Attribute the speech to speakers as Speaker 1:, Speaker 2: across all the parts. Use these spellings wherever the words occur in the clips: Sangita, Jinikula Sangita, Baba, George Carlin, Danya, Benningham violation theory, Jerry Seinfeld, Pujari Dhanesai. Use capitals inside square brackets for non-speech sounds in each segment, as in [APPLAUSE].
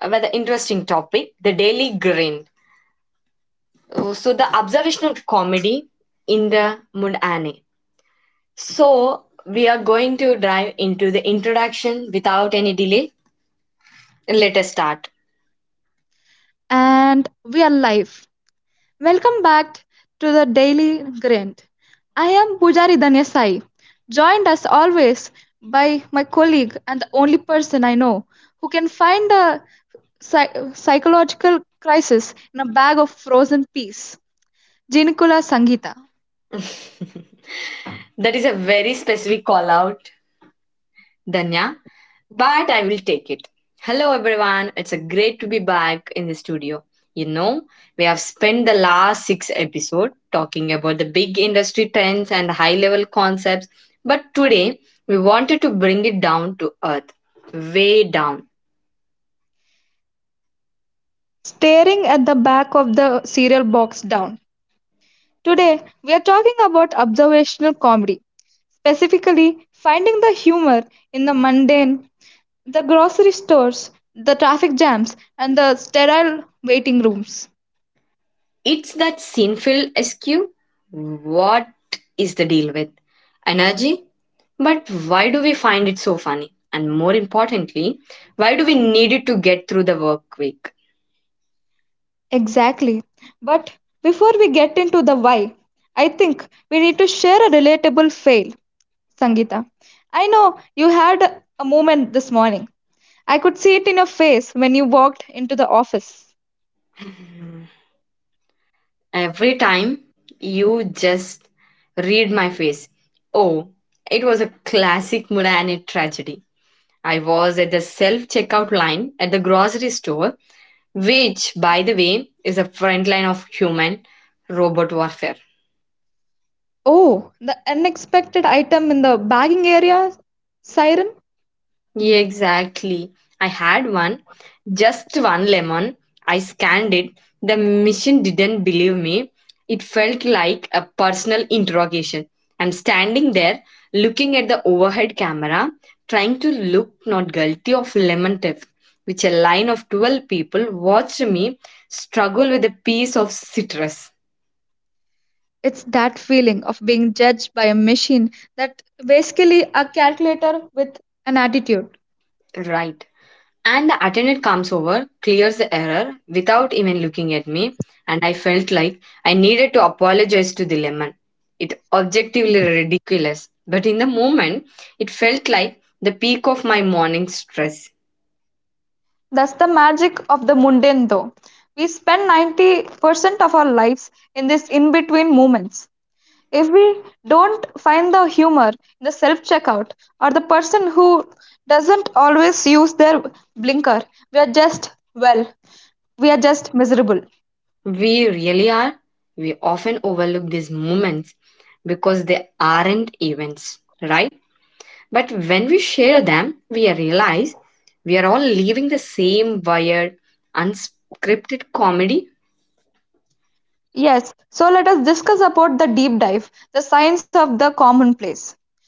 Speaker 1: with an interesting topic, the daily grin. The observational comedy in the mundane. So, we are going to dive into the introduction without any delay. Let us start.
Speaker 2: And we are live. Welcome back to the Daily Grind. I am Pujari Dhanesai, joined as always by my colleague and the only person I know who can find a psychological crisis in a bag of frozen peas, Jinikula Sangita.
Speaker 1: [LAUGHS] That is a very specific call out, Danya, but I will take it. Hello, everyone. It's a great to be back in the studio. You know, we have spent the last six episodes talking about the big industry trends and high level concepts, but today we wanted to bring it down to earth, way down.
Speaker 2: Staring at the back of the cereal box down. Today, we are talking about observational comedy, specifically finding the humor in the mundane. The grocery stores, the traffic jams, and the sterile waiting rooms.
Speaker 1: It's that sinful SQ. What is the deal with energy? But why do we find it so funny? And more importantly, why do we need it to get through the work week?
Speaker 2: Exactly. But before we get into the why, I think we need to share a relatable fail, Sangeeta. I know you had a moment this morning. I could see it in your face when you walked into the office.
Speaker 1: Every time you just read my face. Oh, it was a classic Murani tragedy. I was at the self checkout line at the grocery store, which, by the way, is a front line of human robot warfare.
Speaker 2: Oh, the unexpected item in the bagging area siren?
Speaker 1: Yeah, exactly. I had one. Just one lemon. I scanned it. The machine didn't believe me. It felt like a personal interrogation. I'm standing there looking at the overhead camera, trying to look not guilty of lemon theft, which a line of 12 people watched me struggle with a piece of citrus.
Speaker 2: It's that feeling of being judged by a machine that basically a calculator with an attitude.
Speaker 1: Right. And the attendant comes over, clears the error without even looking at me, and I felt like I needed to apologize to the lemon. It objectively ridiculous, but in the moment, it felt like the peak of my morning stress.
Speaker 2: That's the magic of the mundane, though. We spend 90% of our lives in these in between moments. If we don't find the humor in the self checkout or the person who doesn't always use their blinker, we are just, well, we are just miserable.
Speaker 1: We really are. We often overlook these moments because they aren't events, right? But when we share them, we realize we are all living the same wired, unscripted comedy.
Speaker 2: Yes, so let us discuss about the deep dive, the science of the commonplace.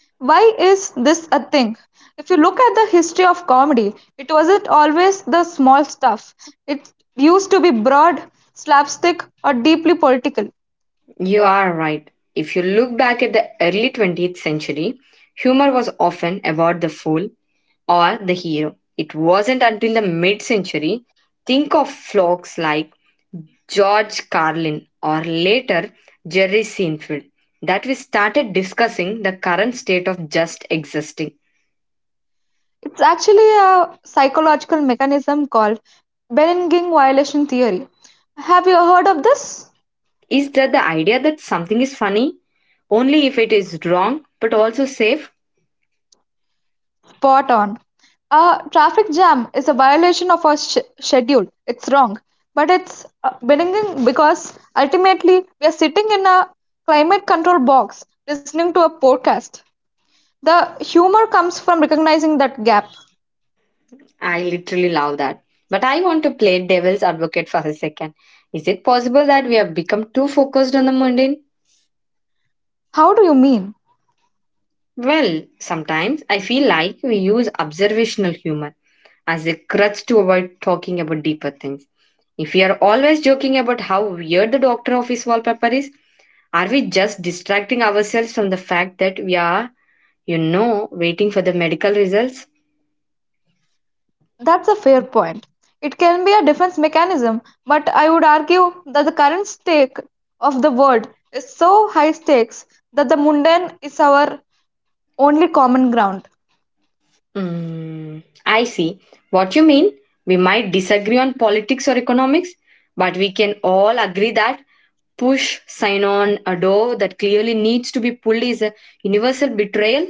Speaker 2: Why is this a thing? If you look at the history of comedy, it wasn't always the small stuff. It used to be broad, slapstick, or deeply political.
Speaker 1: You are right. If you look back at the early 20th century, humor was often about the fool or the hero. It wasn't until the mid century. Think of folks like George Carlin or later Jerry Seinfeld that we started discussing the current state of just existing.
Speaker 2: It's actually a psychological mechanism called Benningham violation theory. Have you heard of this?
Speaker 1: Is that the idea that something is funny only if it is wrong but also safe?
Speaker 2: Spot on. A traffic jam is a violation of our schedule. It's wrong, but it's benign because ultimately we are sitting in a climate control box listening to a podcast. The humor comes from recognizing that gap.
Speaker 1: I literally love that. But I want to play devil's advocate for a second. Is it possible that we have become too focused on the mundane?
Speaker 2: How do you mean?
Speaker 1: Well, sometimes I feel like we use observational humor as a crutch to avoid talking about deeper things. If we are always joking about how weird the doctor office wallpaper is, are we just distracting ourselves from the fact that we are, waiting for the medical results?
Speaker 2: That's a fair point. It can be a defense mechanism, but I would argue that the current stake of the world is so high stakes that the mundane is our only common ground.
Speaker 1: Mm, I see. What you mean? We might disagree on politics or economics, but we can all agree that push, sign on, a door that clearly needs to be pulled is a universal betrayal.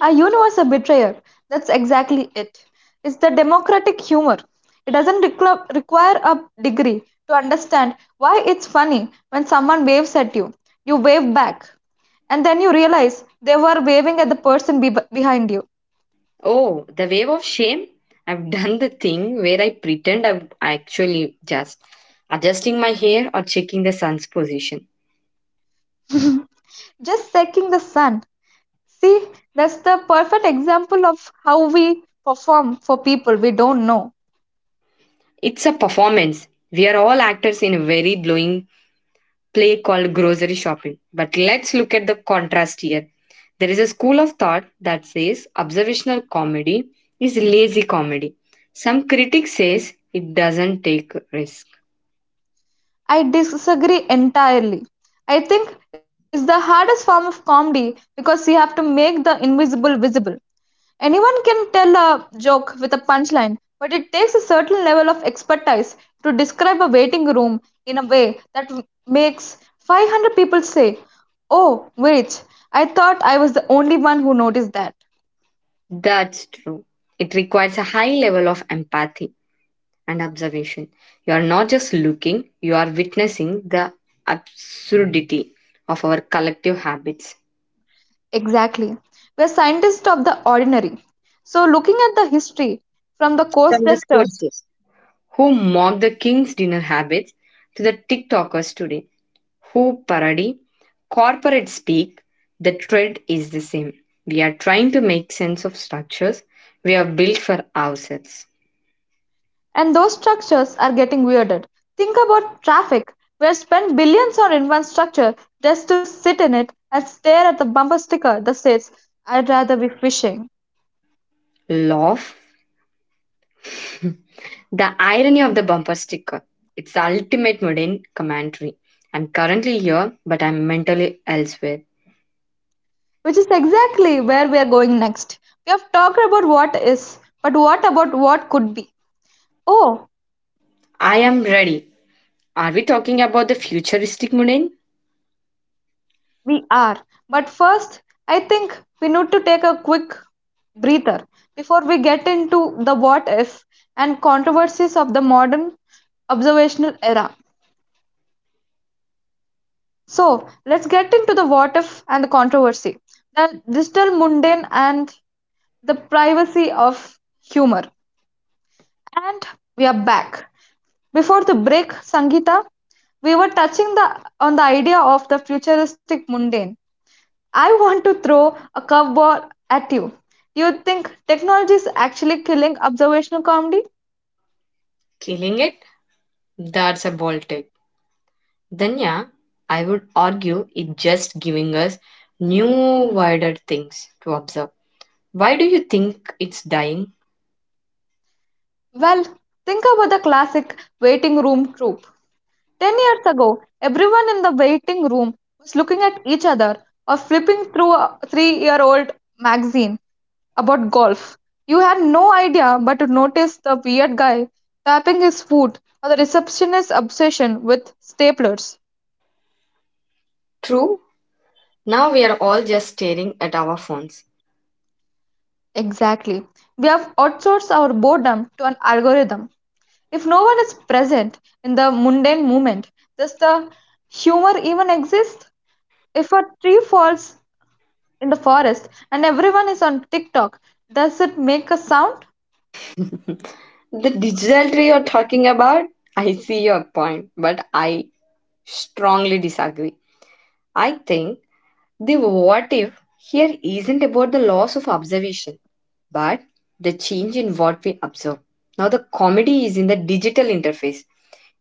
Speaker 2: A universe a betrayer. That's exactly it. It's the democratic humor. It doesn't require a degree to understand why it's funny when someone waves at you. You wave back, and then you realize they were waving at the person behind you.
Speaker 1: Oh, the wave of shame. I've done the thing where I pretend I'm actually just adjusting my hair or checking the sun's position.
Speaker 2: Just seeking the sun. See, that's the perfect example of how we perform for people we don't know.
Speaker 1: It's a performance. We are all actors in a very glowing play called grocery shopping. But let's look at the contrast here. There is a school of thought that says observational comedy is lazy comedy. Some critics says it doesn't take risk.
Speaker 2: I disagree entirely. I think it's the hardest form of comedy because you have to make the invisible visible. Anyone can tell a joke with a punchline, but it takes a certain level of expertise to describe a waiting room in a way that makes 500 people say, "Oh, wait, I thought I was the only one who noticed that."
Speaker 1: That's true. It requires a high level of empathy and observation. You are not just looking, you are witnessing the absurdity of our collective habits.
Speaker 2: Exactly. We're scientists of the ordinary. So, looking at the history from the coast.
Speaker 1: From the coaches who mock the king's dinner habits to the TikTokers today hoop parody, corporate speak, the thread is the same. We are trying to make sense of structures we have built for ourselves.
Speaker 2: And those structures are getting weirder. Think about traffic, where spend billions on infrastructure just to sit in it and stare at the bumper sticker that says, "I'd rather be fishing."
Speaker 1: Laugh, the irony of the bumper sticker. It's the ultimate modern commentary. I'm currently here, but I'm mentally elsewhere.
Speaker 2: Which is exactly where we are going next. We have talked about what is, but what about what could be? Oh,
Speaker 1: I am ready. Are we talking about the futuristic modern?
Speaker 2: we are. But first, I think we need to take a quick breather before we get into the what if and controversies of the modern observational era. So let's get into the what if and the controversy. The digital mundane and the privacy of humor. And we are back. Before the break, Sangeeta, we were touching the on the idea of the futuristic mundane. I want to throw a curveball at you. Do you think technology is actually killing observational comedy?
Speaker 1: Killing it? That's a bold take. Then, yeah, I would argue it's just giving us new, wider things to observe. Why do you think it's dying?
Speaker 2: Well, think about the classic waiting room trope. 10 years ago, everyone in the waiting room was looking at each other or flipping through a 3 year old magazine about golf. You had no idea but to notice the weird guy tapping his foot or the receptionist's obsession with staplers.
Speaker 1: True, now we are all just staring at our phones.
Speaker 2: Exactly. We have outsourced our boredom to an algorithm. If no one is present in the mundane moment, does the humor even exist? If a tree falls in the forest and everyone is on TikTok. Does it make a sound?
Speaker 1: The digital tree you're talking about, I see your point, but I strongly disagree. I think the what if here isn't about the loss of observation, but the change in what we observe. Now, the comedy is in the digital interface.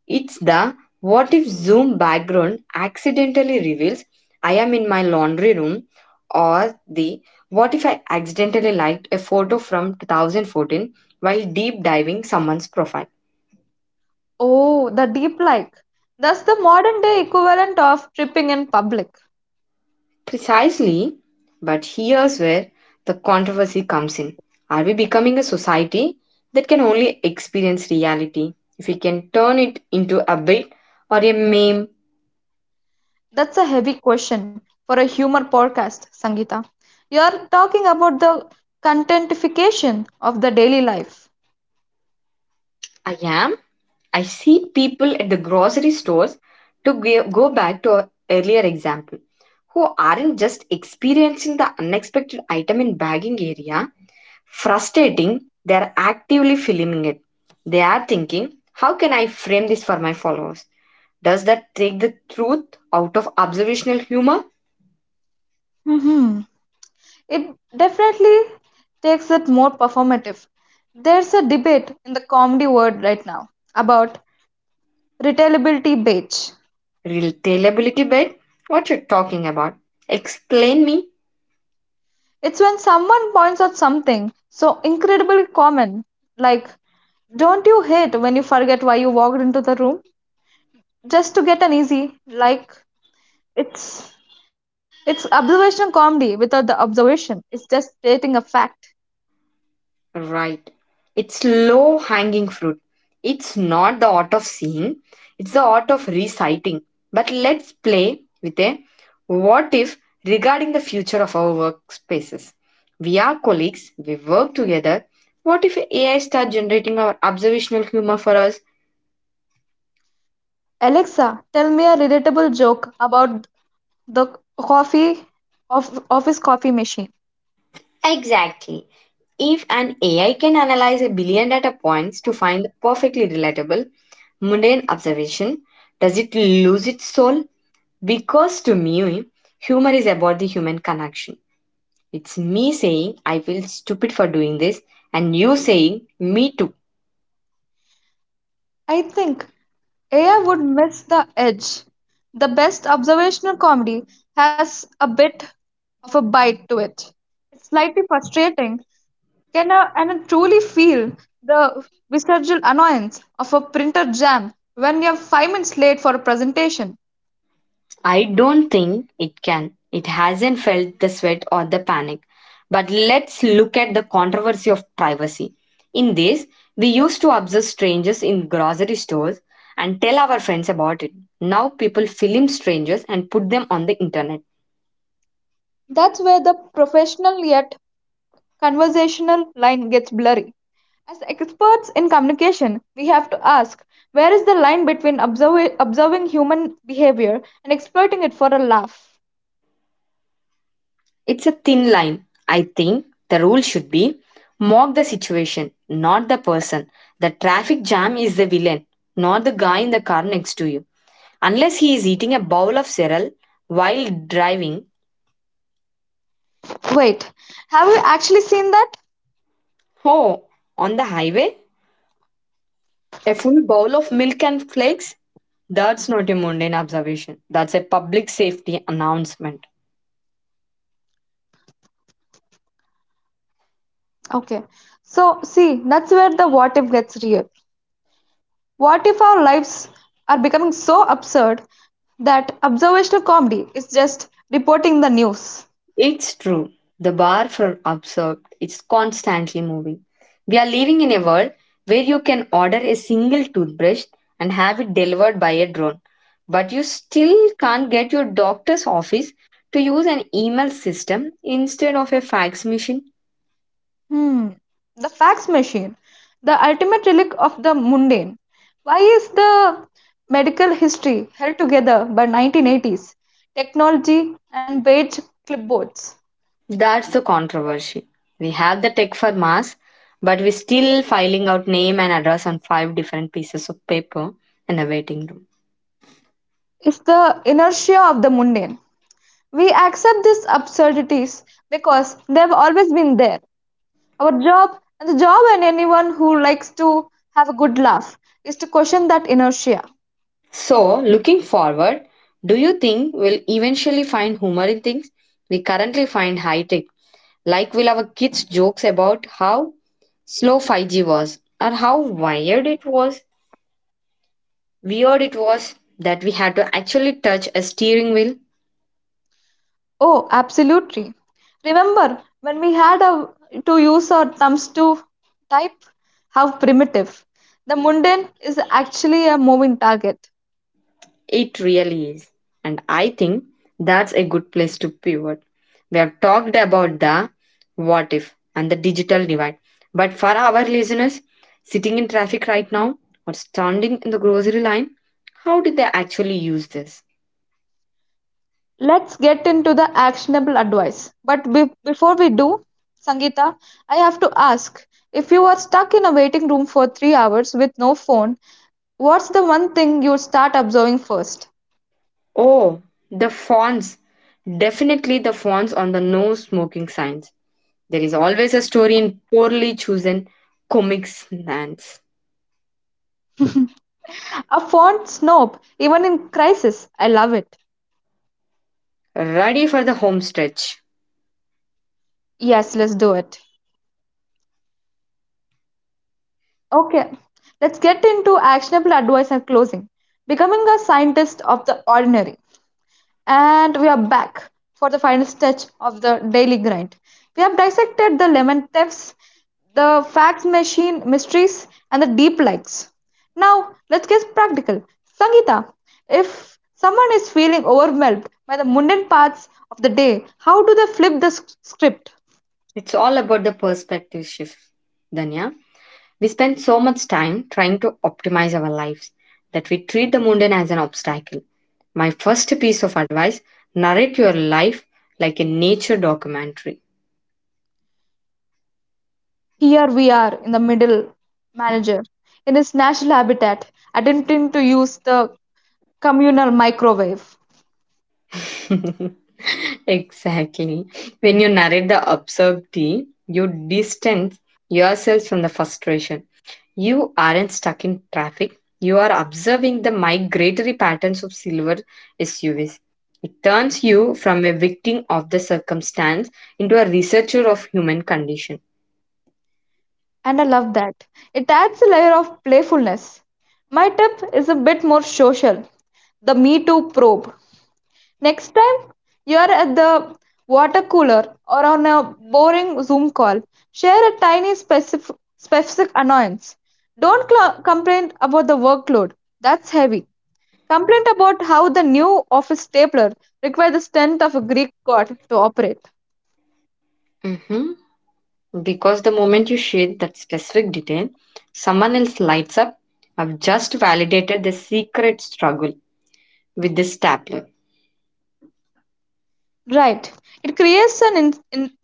Speaker 1: It's the what if Zoom background accidentally reveals I am in my laundry room or the what if I accidentally liked a photo from 2014 while deep diving someone's profile.
Speaker 2: Oh, the deep like. That's the modern day equivalent of tripping in public.
Speaker 1: Precisely, but here's where the controversy comes in. Are we becoming a society that can only experience reality if we can turn it into a bit or a meme?
Speaker 2: That's a heavy question for a humor podcast, Sangita. You're talking about the contentification of the daily life.
Speaker 1: I am. I see people at the grocery stores, to go back to our earlier example, who aren't just experiencing the unexpected item in bagging area, frustrating, they're actively filming it. They are thinking, how can I frame this for my followers? Does that take the truth out of observational humor?
Speaker 2: hmm It definitely takes it more performative. There's a debate in the comedy world right now about retailability bait.
Speaker 1: Relatability bit? What you're talking about? Explain me.
Speaker 2: It's when someone points out something so incredibly common, like, don't you hate when you forget why you walked into the room? Just to get an easy, like, it's. It's observational comedy without the observation. It's just stating a fact.
Speaker 1: Right. It's low hanging fruit. It's not the art of seeing, it's the art of reciting. But let's play with a what if regarding the future of our workspaces. We are colleagues, we work together. What if AI starts generating our observational humor for us?
Speaker 2: Alexa, tell me a relatable joke about the coffee of office coffee machine.
Speaker 1: Exactly. If an AI can analyze a billion data points to find the perfectly relatable, mundane observation, does it lose its soul? Because to me, humor is about the human connection. It's me saying, I feel stupid for doing this, and you saying, me too.
Speaker 2: I think AI would miss the edge. The best observational comedy has a bit of a bite to it. It's slightly frustrating can I, and I truly feel the visceral annoyance of a printer jam when you're 5 minutes late for a presentation.
Speaker 1: I don't think it can. It hasn't felt the sweat or the panic. But let's look at the controversy of privacy. In this, we used to observe strangers in grocery stores and tell our friends about it. Now people film strangers and put them on the internet.
Speaker 2: That's where the professional yet conversational line gets blurry. As experts in communication, we have to ask where is the line between observing human behavior and exploiting it for a laugh?
Speaker 1: It's a thin line. I think the rule should be mock the situation, not the person. The traffic jam is the villain, not the guy in the car next to you. Unless he is eating a bowl of cereal while driving.
Speaker 2: Wait, have you actually seen that?
Speaker 1: Oh, on the highway? A full bowl of milk and flakes? That's not a mundane observation. That's a public safety announcement.
Speaker 2: Okay, so see, that's where the what if gets real. What if our lives are becoming so absurd that observational comedy is just reporting the news?
Speaker 1: It's true. The bar for absurd is constantly moving. We are living in a world where you can order a single toothbrush and have it delivered by a drone, but you still can't get your doctor's office to use an email system instead of a fax machine.
Speaker 2: Hmm. The fax machine, the ultimate relic of the mundane. Why is the medical history held together by 1980s technology and beige clipboards?
Speaker 1: That's the controversy. We have the tech for mass, but we're still filing out name and address on five different pieces of paper in a waiting room.
Speaker 2: It's the inertia of the mundane. We accept these absurdities because they've always been there. Our job and the job and anyone who likes to have a good laugh is to question that inertia.
Speaker 1: So, looking forward, do you think we'll eventually find humor in things we currently find high tech? Like, will our kids' jokes about how slow 5G was or how wired it was, weird it was that we had to actually touch a steering wheel?
Speaker 2: Oh, absolutely. Remember when we had a, to use our thumbs to type? How primitive. The mundane is actually a moving target.
Speaker 1: It really is. And I think that's a good place to pivot. We have talked about the what if and the digital divide. But for our listeners sitting in traffic right now or standing in the grocery line, how did they actually use this?
Speaker 2: Let's get into the actionable advice. But before we do, Sangeeta, I have to ask if you were stuck in a waiting room for 3 hours with no phone, what's the one thing you'd start observing first?
Speaker 1: Oh, the fonts. Definitely the fonts on the no smoking signs. There is always a story in poorly chosen comic sans.
Speaker 2: A phone snob, even in crisis. I love it.
Speaker 1: Ready for the home stretch.
Speaker 2: Yes, let's do it. Okay, let's get into actionable advice and closing. Becoming a scientist of the ordinary. And we are back for the final stretch of the daily grind. We have dissected the lemon thefts, the fax machine mysteries, and the deep likes. Now, let's get practical. Sangeeta, if someone is feeling overwhelmed by the mundane parts of the day, how do they flip the script?
Speaker 1: It's all about the perspective shift, Danya. We spend so much time trying to optimize our lives that we treat the mundane as an obstacle. My first piece of advice narrate your life like a nature documentary.
Speaker 2: Here we are in the middle, manager, in its natural habitat, attempting to use the communal microwave.
Speaker 1: [LAUGHS] Exactly. When you narrate the absurdity, you distance yourself from the frustration. You aren't stuck in traffic. You are observing the migratory patterns of silver SUVs. It turns you from a victim of the circumstance into a researcher of human condition.
Speaker 2: And I love that. It adds a layer of playfulness. My tip is a bit more social the Me Too probe. Next time you are at the water cooler or on a boring Zoom call, share a tiny specific annoyance. Don't complain about the workload, that's heavy. Complained about how the new office stapler required the strength of a Greek god to operate.
Speaker 1: Mm-hmm. Because the moment you share that specific detail, someone else lights up. I've just validated the secret struggle with this stapler.
Speaker 2: Right. It creates an in-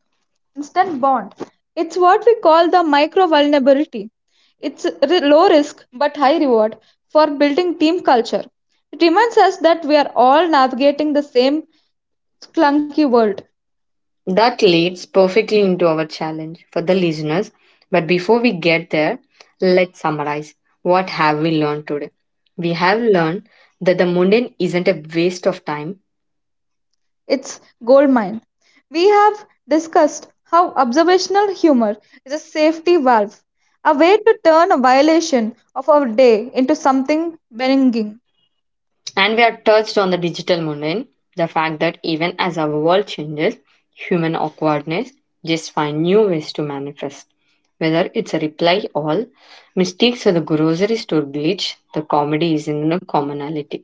Speaker 2: instant bond. It's what we call the micro vulnerability. It's low risk but high reward for building team culture. It reminds us that we are all navigating the same clunky world.
Speaker 1: That leads perfectly into our challenge for the listeners. But before we get there, let's summarize. What have we learned today? We have learned that the mundane isn't a waste of time,
Speaker 2: Its goldmine. We have discussed how observational humor is a safety valve, a way to turn a violation of our day into something benign.
Speaker 1: and we have touched on the digital mundane, the fact that even as our world changes, human awkwardness just find new ways to manifest. Whether it's a reply all, mistakes or the grocery store glitch, the comedy is in a commonality.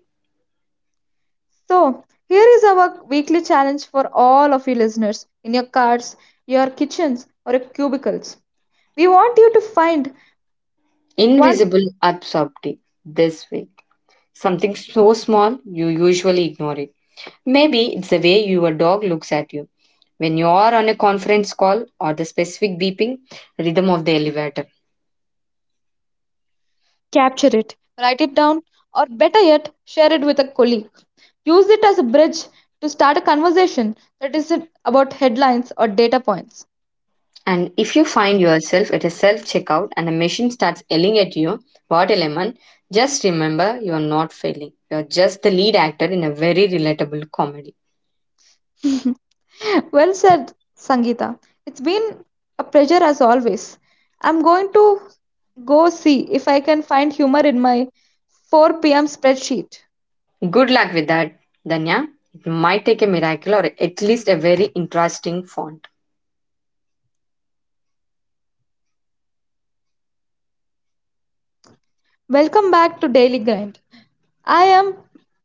Speaker 2: So, here is our weekly challenge for all of you listeners in your cars, your kitchens, or your cubicles. We want you to find one.
Speaker 1: Invisible absurdity this way. Something so small, you usually ignore it. Maybe it's the way your dog looks at you. When you are on a conference call or the specific beeping rhythm of the elevator.
Speaker 2: Capture it, write it down, or better yet, share it with a colleague. Use it as a bridge to start a conversation that isn't about headlines or data points.
Speaker 1: And if you find yourself at a self checkout and the machine starts yelling at you, what a lemon, just remember you're not failing. You're just the lead actor in a very relatable comedy.
Speaker 2: [LAUGHS] Well said, Sangeeta. It's been a pleasure as always. I'm going to go see if I can find humor in my 4 p.m. spreadsheet.
Speaker 1: Good luck with that, Danya. It might take a miracle or at least a very interesting font.
Speaker 2: Welcome back to Daily Grind. I am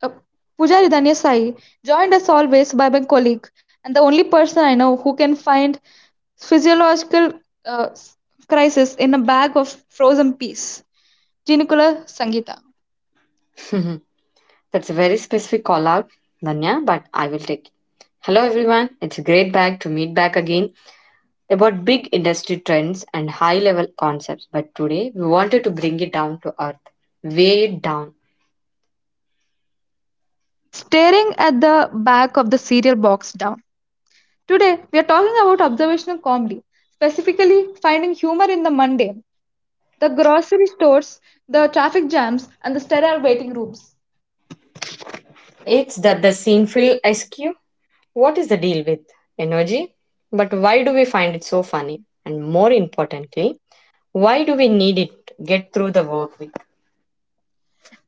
Speaker 2: uh, Pujari Dhanya Sai, joined as always by my colleague and the only person I know who can find physiological uh, crisis in a bag of frozen peas, Jinikula Sangita.
Speaker 1: [LAUGHS] That's a very specific call out, Nanya, but I will take it. Hello everyone, it's great back to meet back again about big industry trends and high level concepts. But today we wanted to bring it down to earth, way down.
Speaker 2: Staring at the back of the cereal box down. Today, we are talking about observational comedy, specifically finding humor in the mundane, the grocery stores, the traffic jams, and the sterile waiting rooms.
Speaker 1: It's that the scene fill SQ. What is the deal with energy? But why do we find it so funny? And more importantly, why do we need it to get through the work week?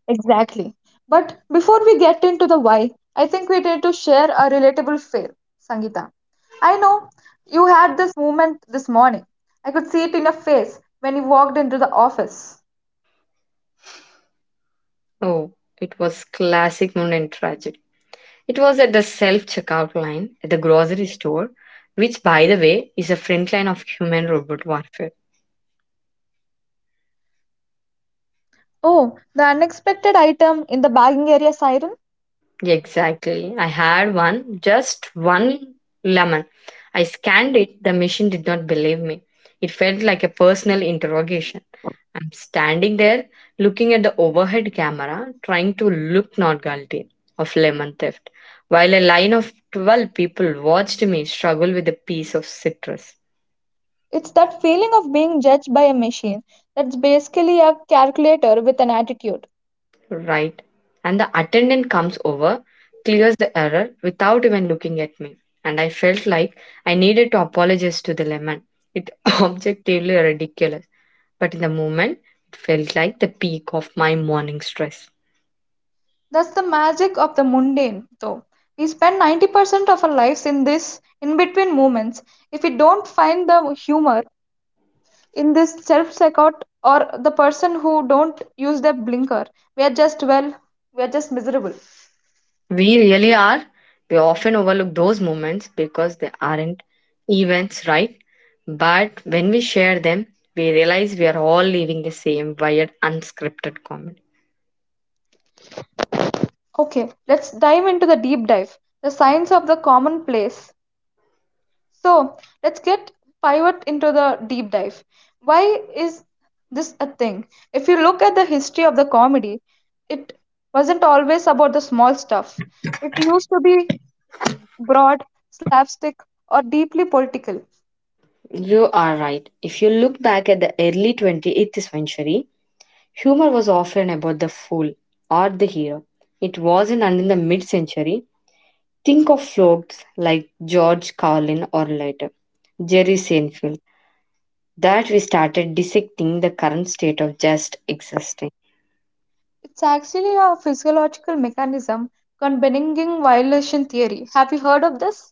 Speaker 2: Exactly. But before we get into the why, I think we need to share a relatable fail, Sangeeta. I know you had this moment this morning. I could see it in your face when you walked into the office.
Speaker 1: Oh, it was classic Moon and tragic. It was at the self checkout line at the grocery store, which, by the way, is a front line of human robot warfare.
Speaker 2: Oh, the unexpected item in the bagging area siren?
Speaker 1: Yeah, exactly. I had one, just one lemon. I scanned it, the machine did not believe me. It felt like a personal interrogation. I'm standing there looking at the overhead camera, trying to look not guilty of lemon theft, while a line of 12 people watched me struggle with a piece of citrus.
Speaker 2: It's that feeling of being judged by a machine that's basically a calculator with an attitude.
Speaker 1: Right. And the attendant comes over, clears the error without even looking at me. And I felt like I needed to apologize to the lemon. It [LAUGHS] objectively ridiculous. But in the moment, it felt like the peak of my morning stress.
Speaker 2: That's the magic of the mundane, though. We spend 90% of our lives in this in between moments. If we don't find the humor in this self checkout or the person who don't use their blinker, we are just, well, we are just miserable.
Speaker 1: We really are. We often overlook those moments because they aren't events, right? But when we share them, we realize we are all living the same wired, unscripted comedy.
Speaker 2: Okay, let's dive into the deep dive, the science of the commonplace. So let's get pivot into the deep dive. Why is this a thing? If you look at the history of the comedy, it wasn't always about the small stuff. It used to be broad, slapstick, or deeply political.
Speaker 1: You are right. If you look back at the early 28th century, humor was often about the fool or the hero. It wasn't until the mid century. Think of folks like George Carlin or later Jerry Seinfeld that we started dissecting the current state of just existing.
Speaker 2: It's actually a physiological mechanism combining violation theory. Have you heard of this?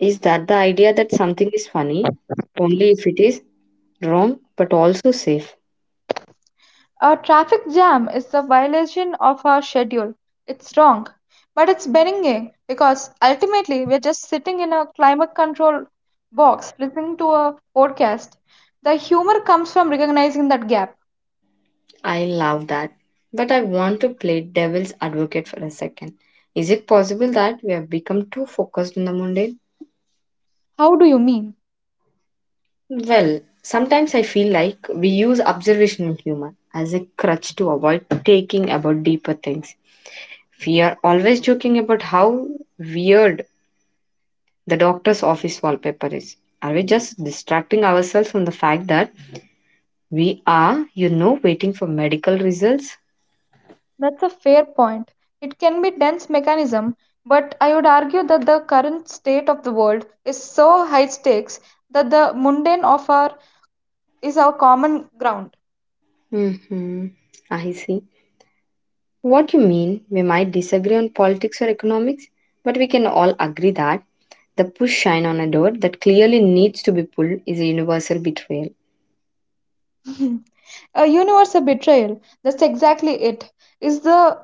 Speaker 1: Is that the idea that something is funny only if it is wrong but also safe?
Speaker 2: A traffic jam is the violation of our schedule. It's wrong, but it's benign because ultimately we're just sitting in a climate control box listening to a podcast. The humor comes from recognizing that gap.
Speaker 1: I love that. But I want to play devil's advocate for a second. Is it possible that we have become too focused on the mundane?
Speaker 2: How do you mean?
Speaker 1: Well, sometimes I feel like we use observational humor as a crutch to avoid taking about deeper things. We are always joking about how weird the doctor's office wallpaper is. Are we just distracting ourselves from the fact that we are, waiting for medical results?
Speaker 2: That's a fair point. It can be dense mechanism, but I would argue that the current state of the world is so high stakes that the mundane of our is our common ground.
Speaker 1: Hmm, I see. What you mean? We might disagree on politics or economics, but we can all agree that the push shine on a door that clearly needs to be pulled is a universal betrayal.
Speaker 2: [LAUGHS] A universal betrayal, that's exactly it, is the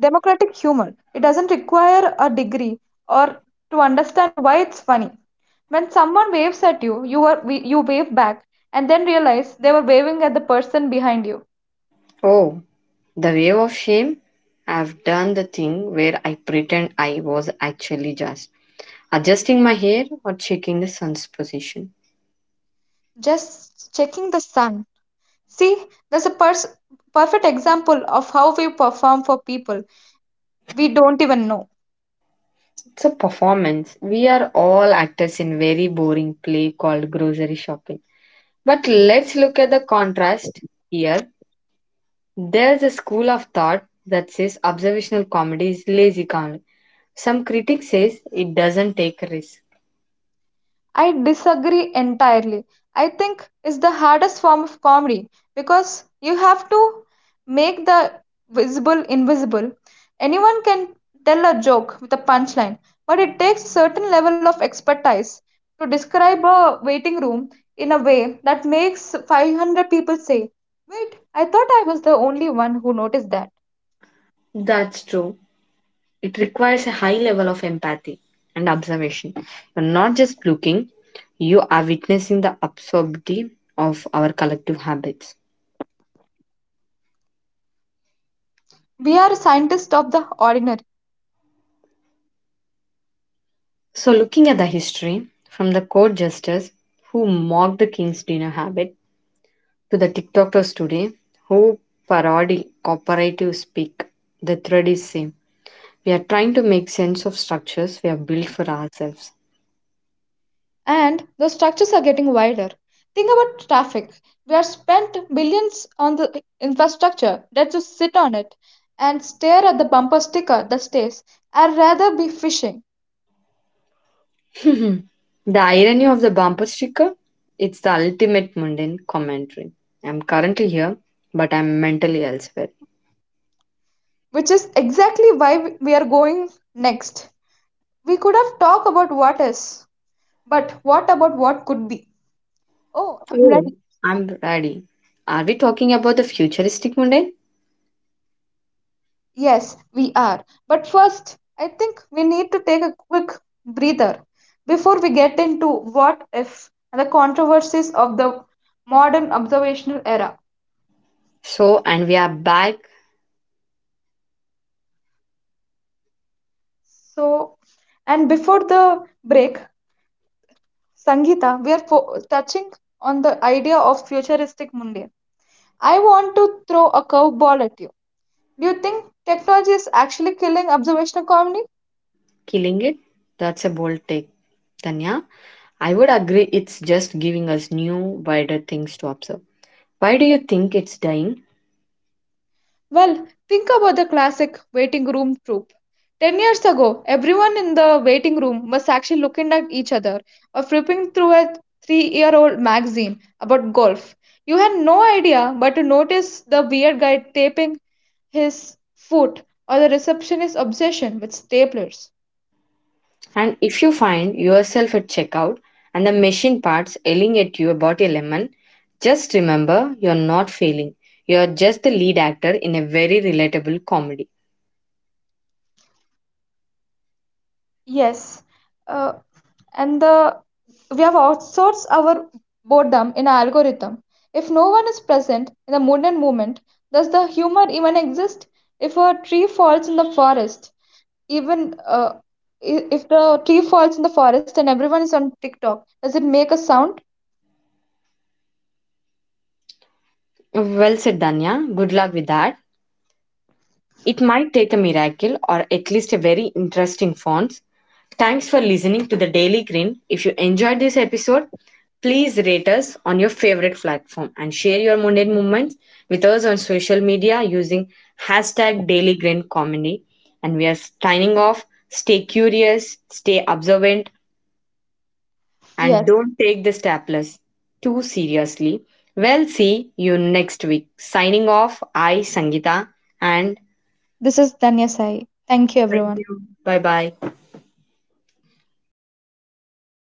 Speaker 2: democratic humor. It doesn't require a degree or to understand why it's funny. When someone waves at you, you are you wave back and then realize they were waving at the person behind you.
Speaker 1: Oh, the wave of shame? I've done the thing where I pretend I was actually just adjusting my hair or checking the sun's position.
Speaker 2: Just checking the sun. See, that's a perfect example of how we perform for people we don't even know.
Speaker 1: It's a performance. We are all actors in very boring play called grocery shopping. But let's look at the contrast here. There's a school of thought that says observational comedy is lazy comedy. Some critics says it doesn't take risks.
Speaker 2: I disagree entirely. I think it's the hardest form of comedy because you have to make the visible invisible. Anyone can tell a joke with a punchline, but it takes a certain level of expertise to describe a waiting room in a way that makes 500 people say, "Wait, I thought I was the only one who noticed that."
Speaker 1: That's true. It requires a high level of empathy and observation. You're not just looking, you are witnessing the absurdity of our collective habits.
Speaker 2: We are scientists of the ordinary,
Speaker 1: So looking at the history from the court jesters who mocked the king's dinner habit to the TikTokers today who parody cooperative speak, the thread is same. We are trying to make sense of structures we have built for ourselves.
Speaker 2: and the structures are getting wider. Think about traffic. We have spent billions on the infrastructure that just sit on it and stare at the bumper sticker that stays, "I'd rather be fishing,"
Speaker 1: [LAUGHS] the irony of the bumper sticker? It's the ultimate mundane commentary. I'm currently here, but I'm mentally elsewhere.
Speaker 2: which is exactly why we are going next. We could have talked about what is, but what about what could be? Oh, I'm
Speaker 1: Oh,
Speaker 2: ready.
Speaker 1: I'm ready. Are we talking about the futuristic mundane?
Speaker 2: Yes, we are. But first, I think we need to take a quick breather before we get into what if and the controversies of the modern observational era.
Speaker 1: So, and we are back.
Speaker 2: So, and before the break, Sangeeta, we are touching on the idea of futuristic Monday. I want to throw a curveball at you. Do you think technology is actually killing observational comedy?
Speaker 1: Killing it? That's a bold take. Tanya, I would agree it's just giving us new, wider things to observe. Why do you think it's dying?
Speaker 2: Well, think about the classic waiting room trope. 10 years ago, everyone in the waiting room was actually looking at each other or flipping through a 3 year old magazine about golf. You had no idea but to notice the weird guy taping his foot or the receptionist's obsession with staplers.
Speaker 1: And if you find yourself at checkout and the machine parts yelling at you about a lemon, just remember you're not failing. You're just the lead actor in a very relatable comedy.
Speaker 2: Yes, uh, and the we have outsourced our boredom in our algorithm. If no one is present in the mood and moment, does the humor even exist? If a tree falls in the forest, even uh, if the tree falls in the forest and everyone is on TikTok, does it make a sound?
Speaker 1: Well said, Danya. Good luck with that. It might take a miracle or at least a very interesting font. Thanks for listening to the Daily Green. If you enjoyed this episode, please rate us on your favorite platform and share your mundane moments with us on social media using hashtag Daily Grin Comedy. And we are signing off. Stay curious, stay observant, and
Speaker 2: Yes,
Speaker 1: don't take the staplers too seriously. Well, see you next week. Signing off, I, Sangita, and
Speaker 2: this is Danya Sai. Thank you,
Speaker 1: thank
Speaker 2: everyone.
Speaker 1: you. Bye bye.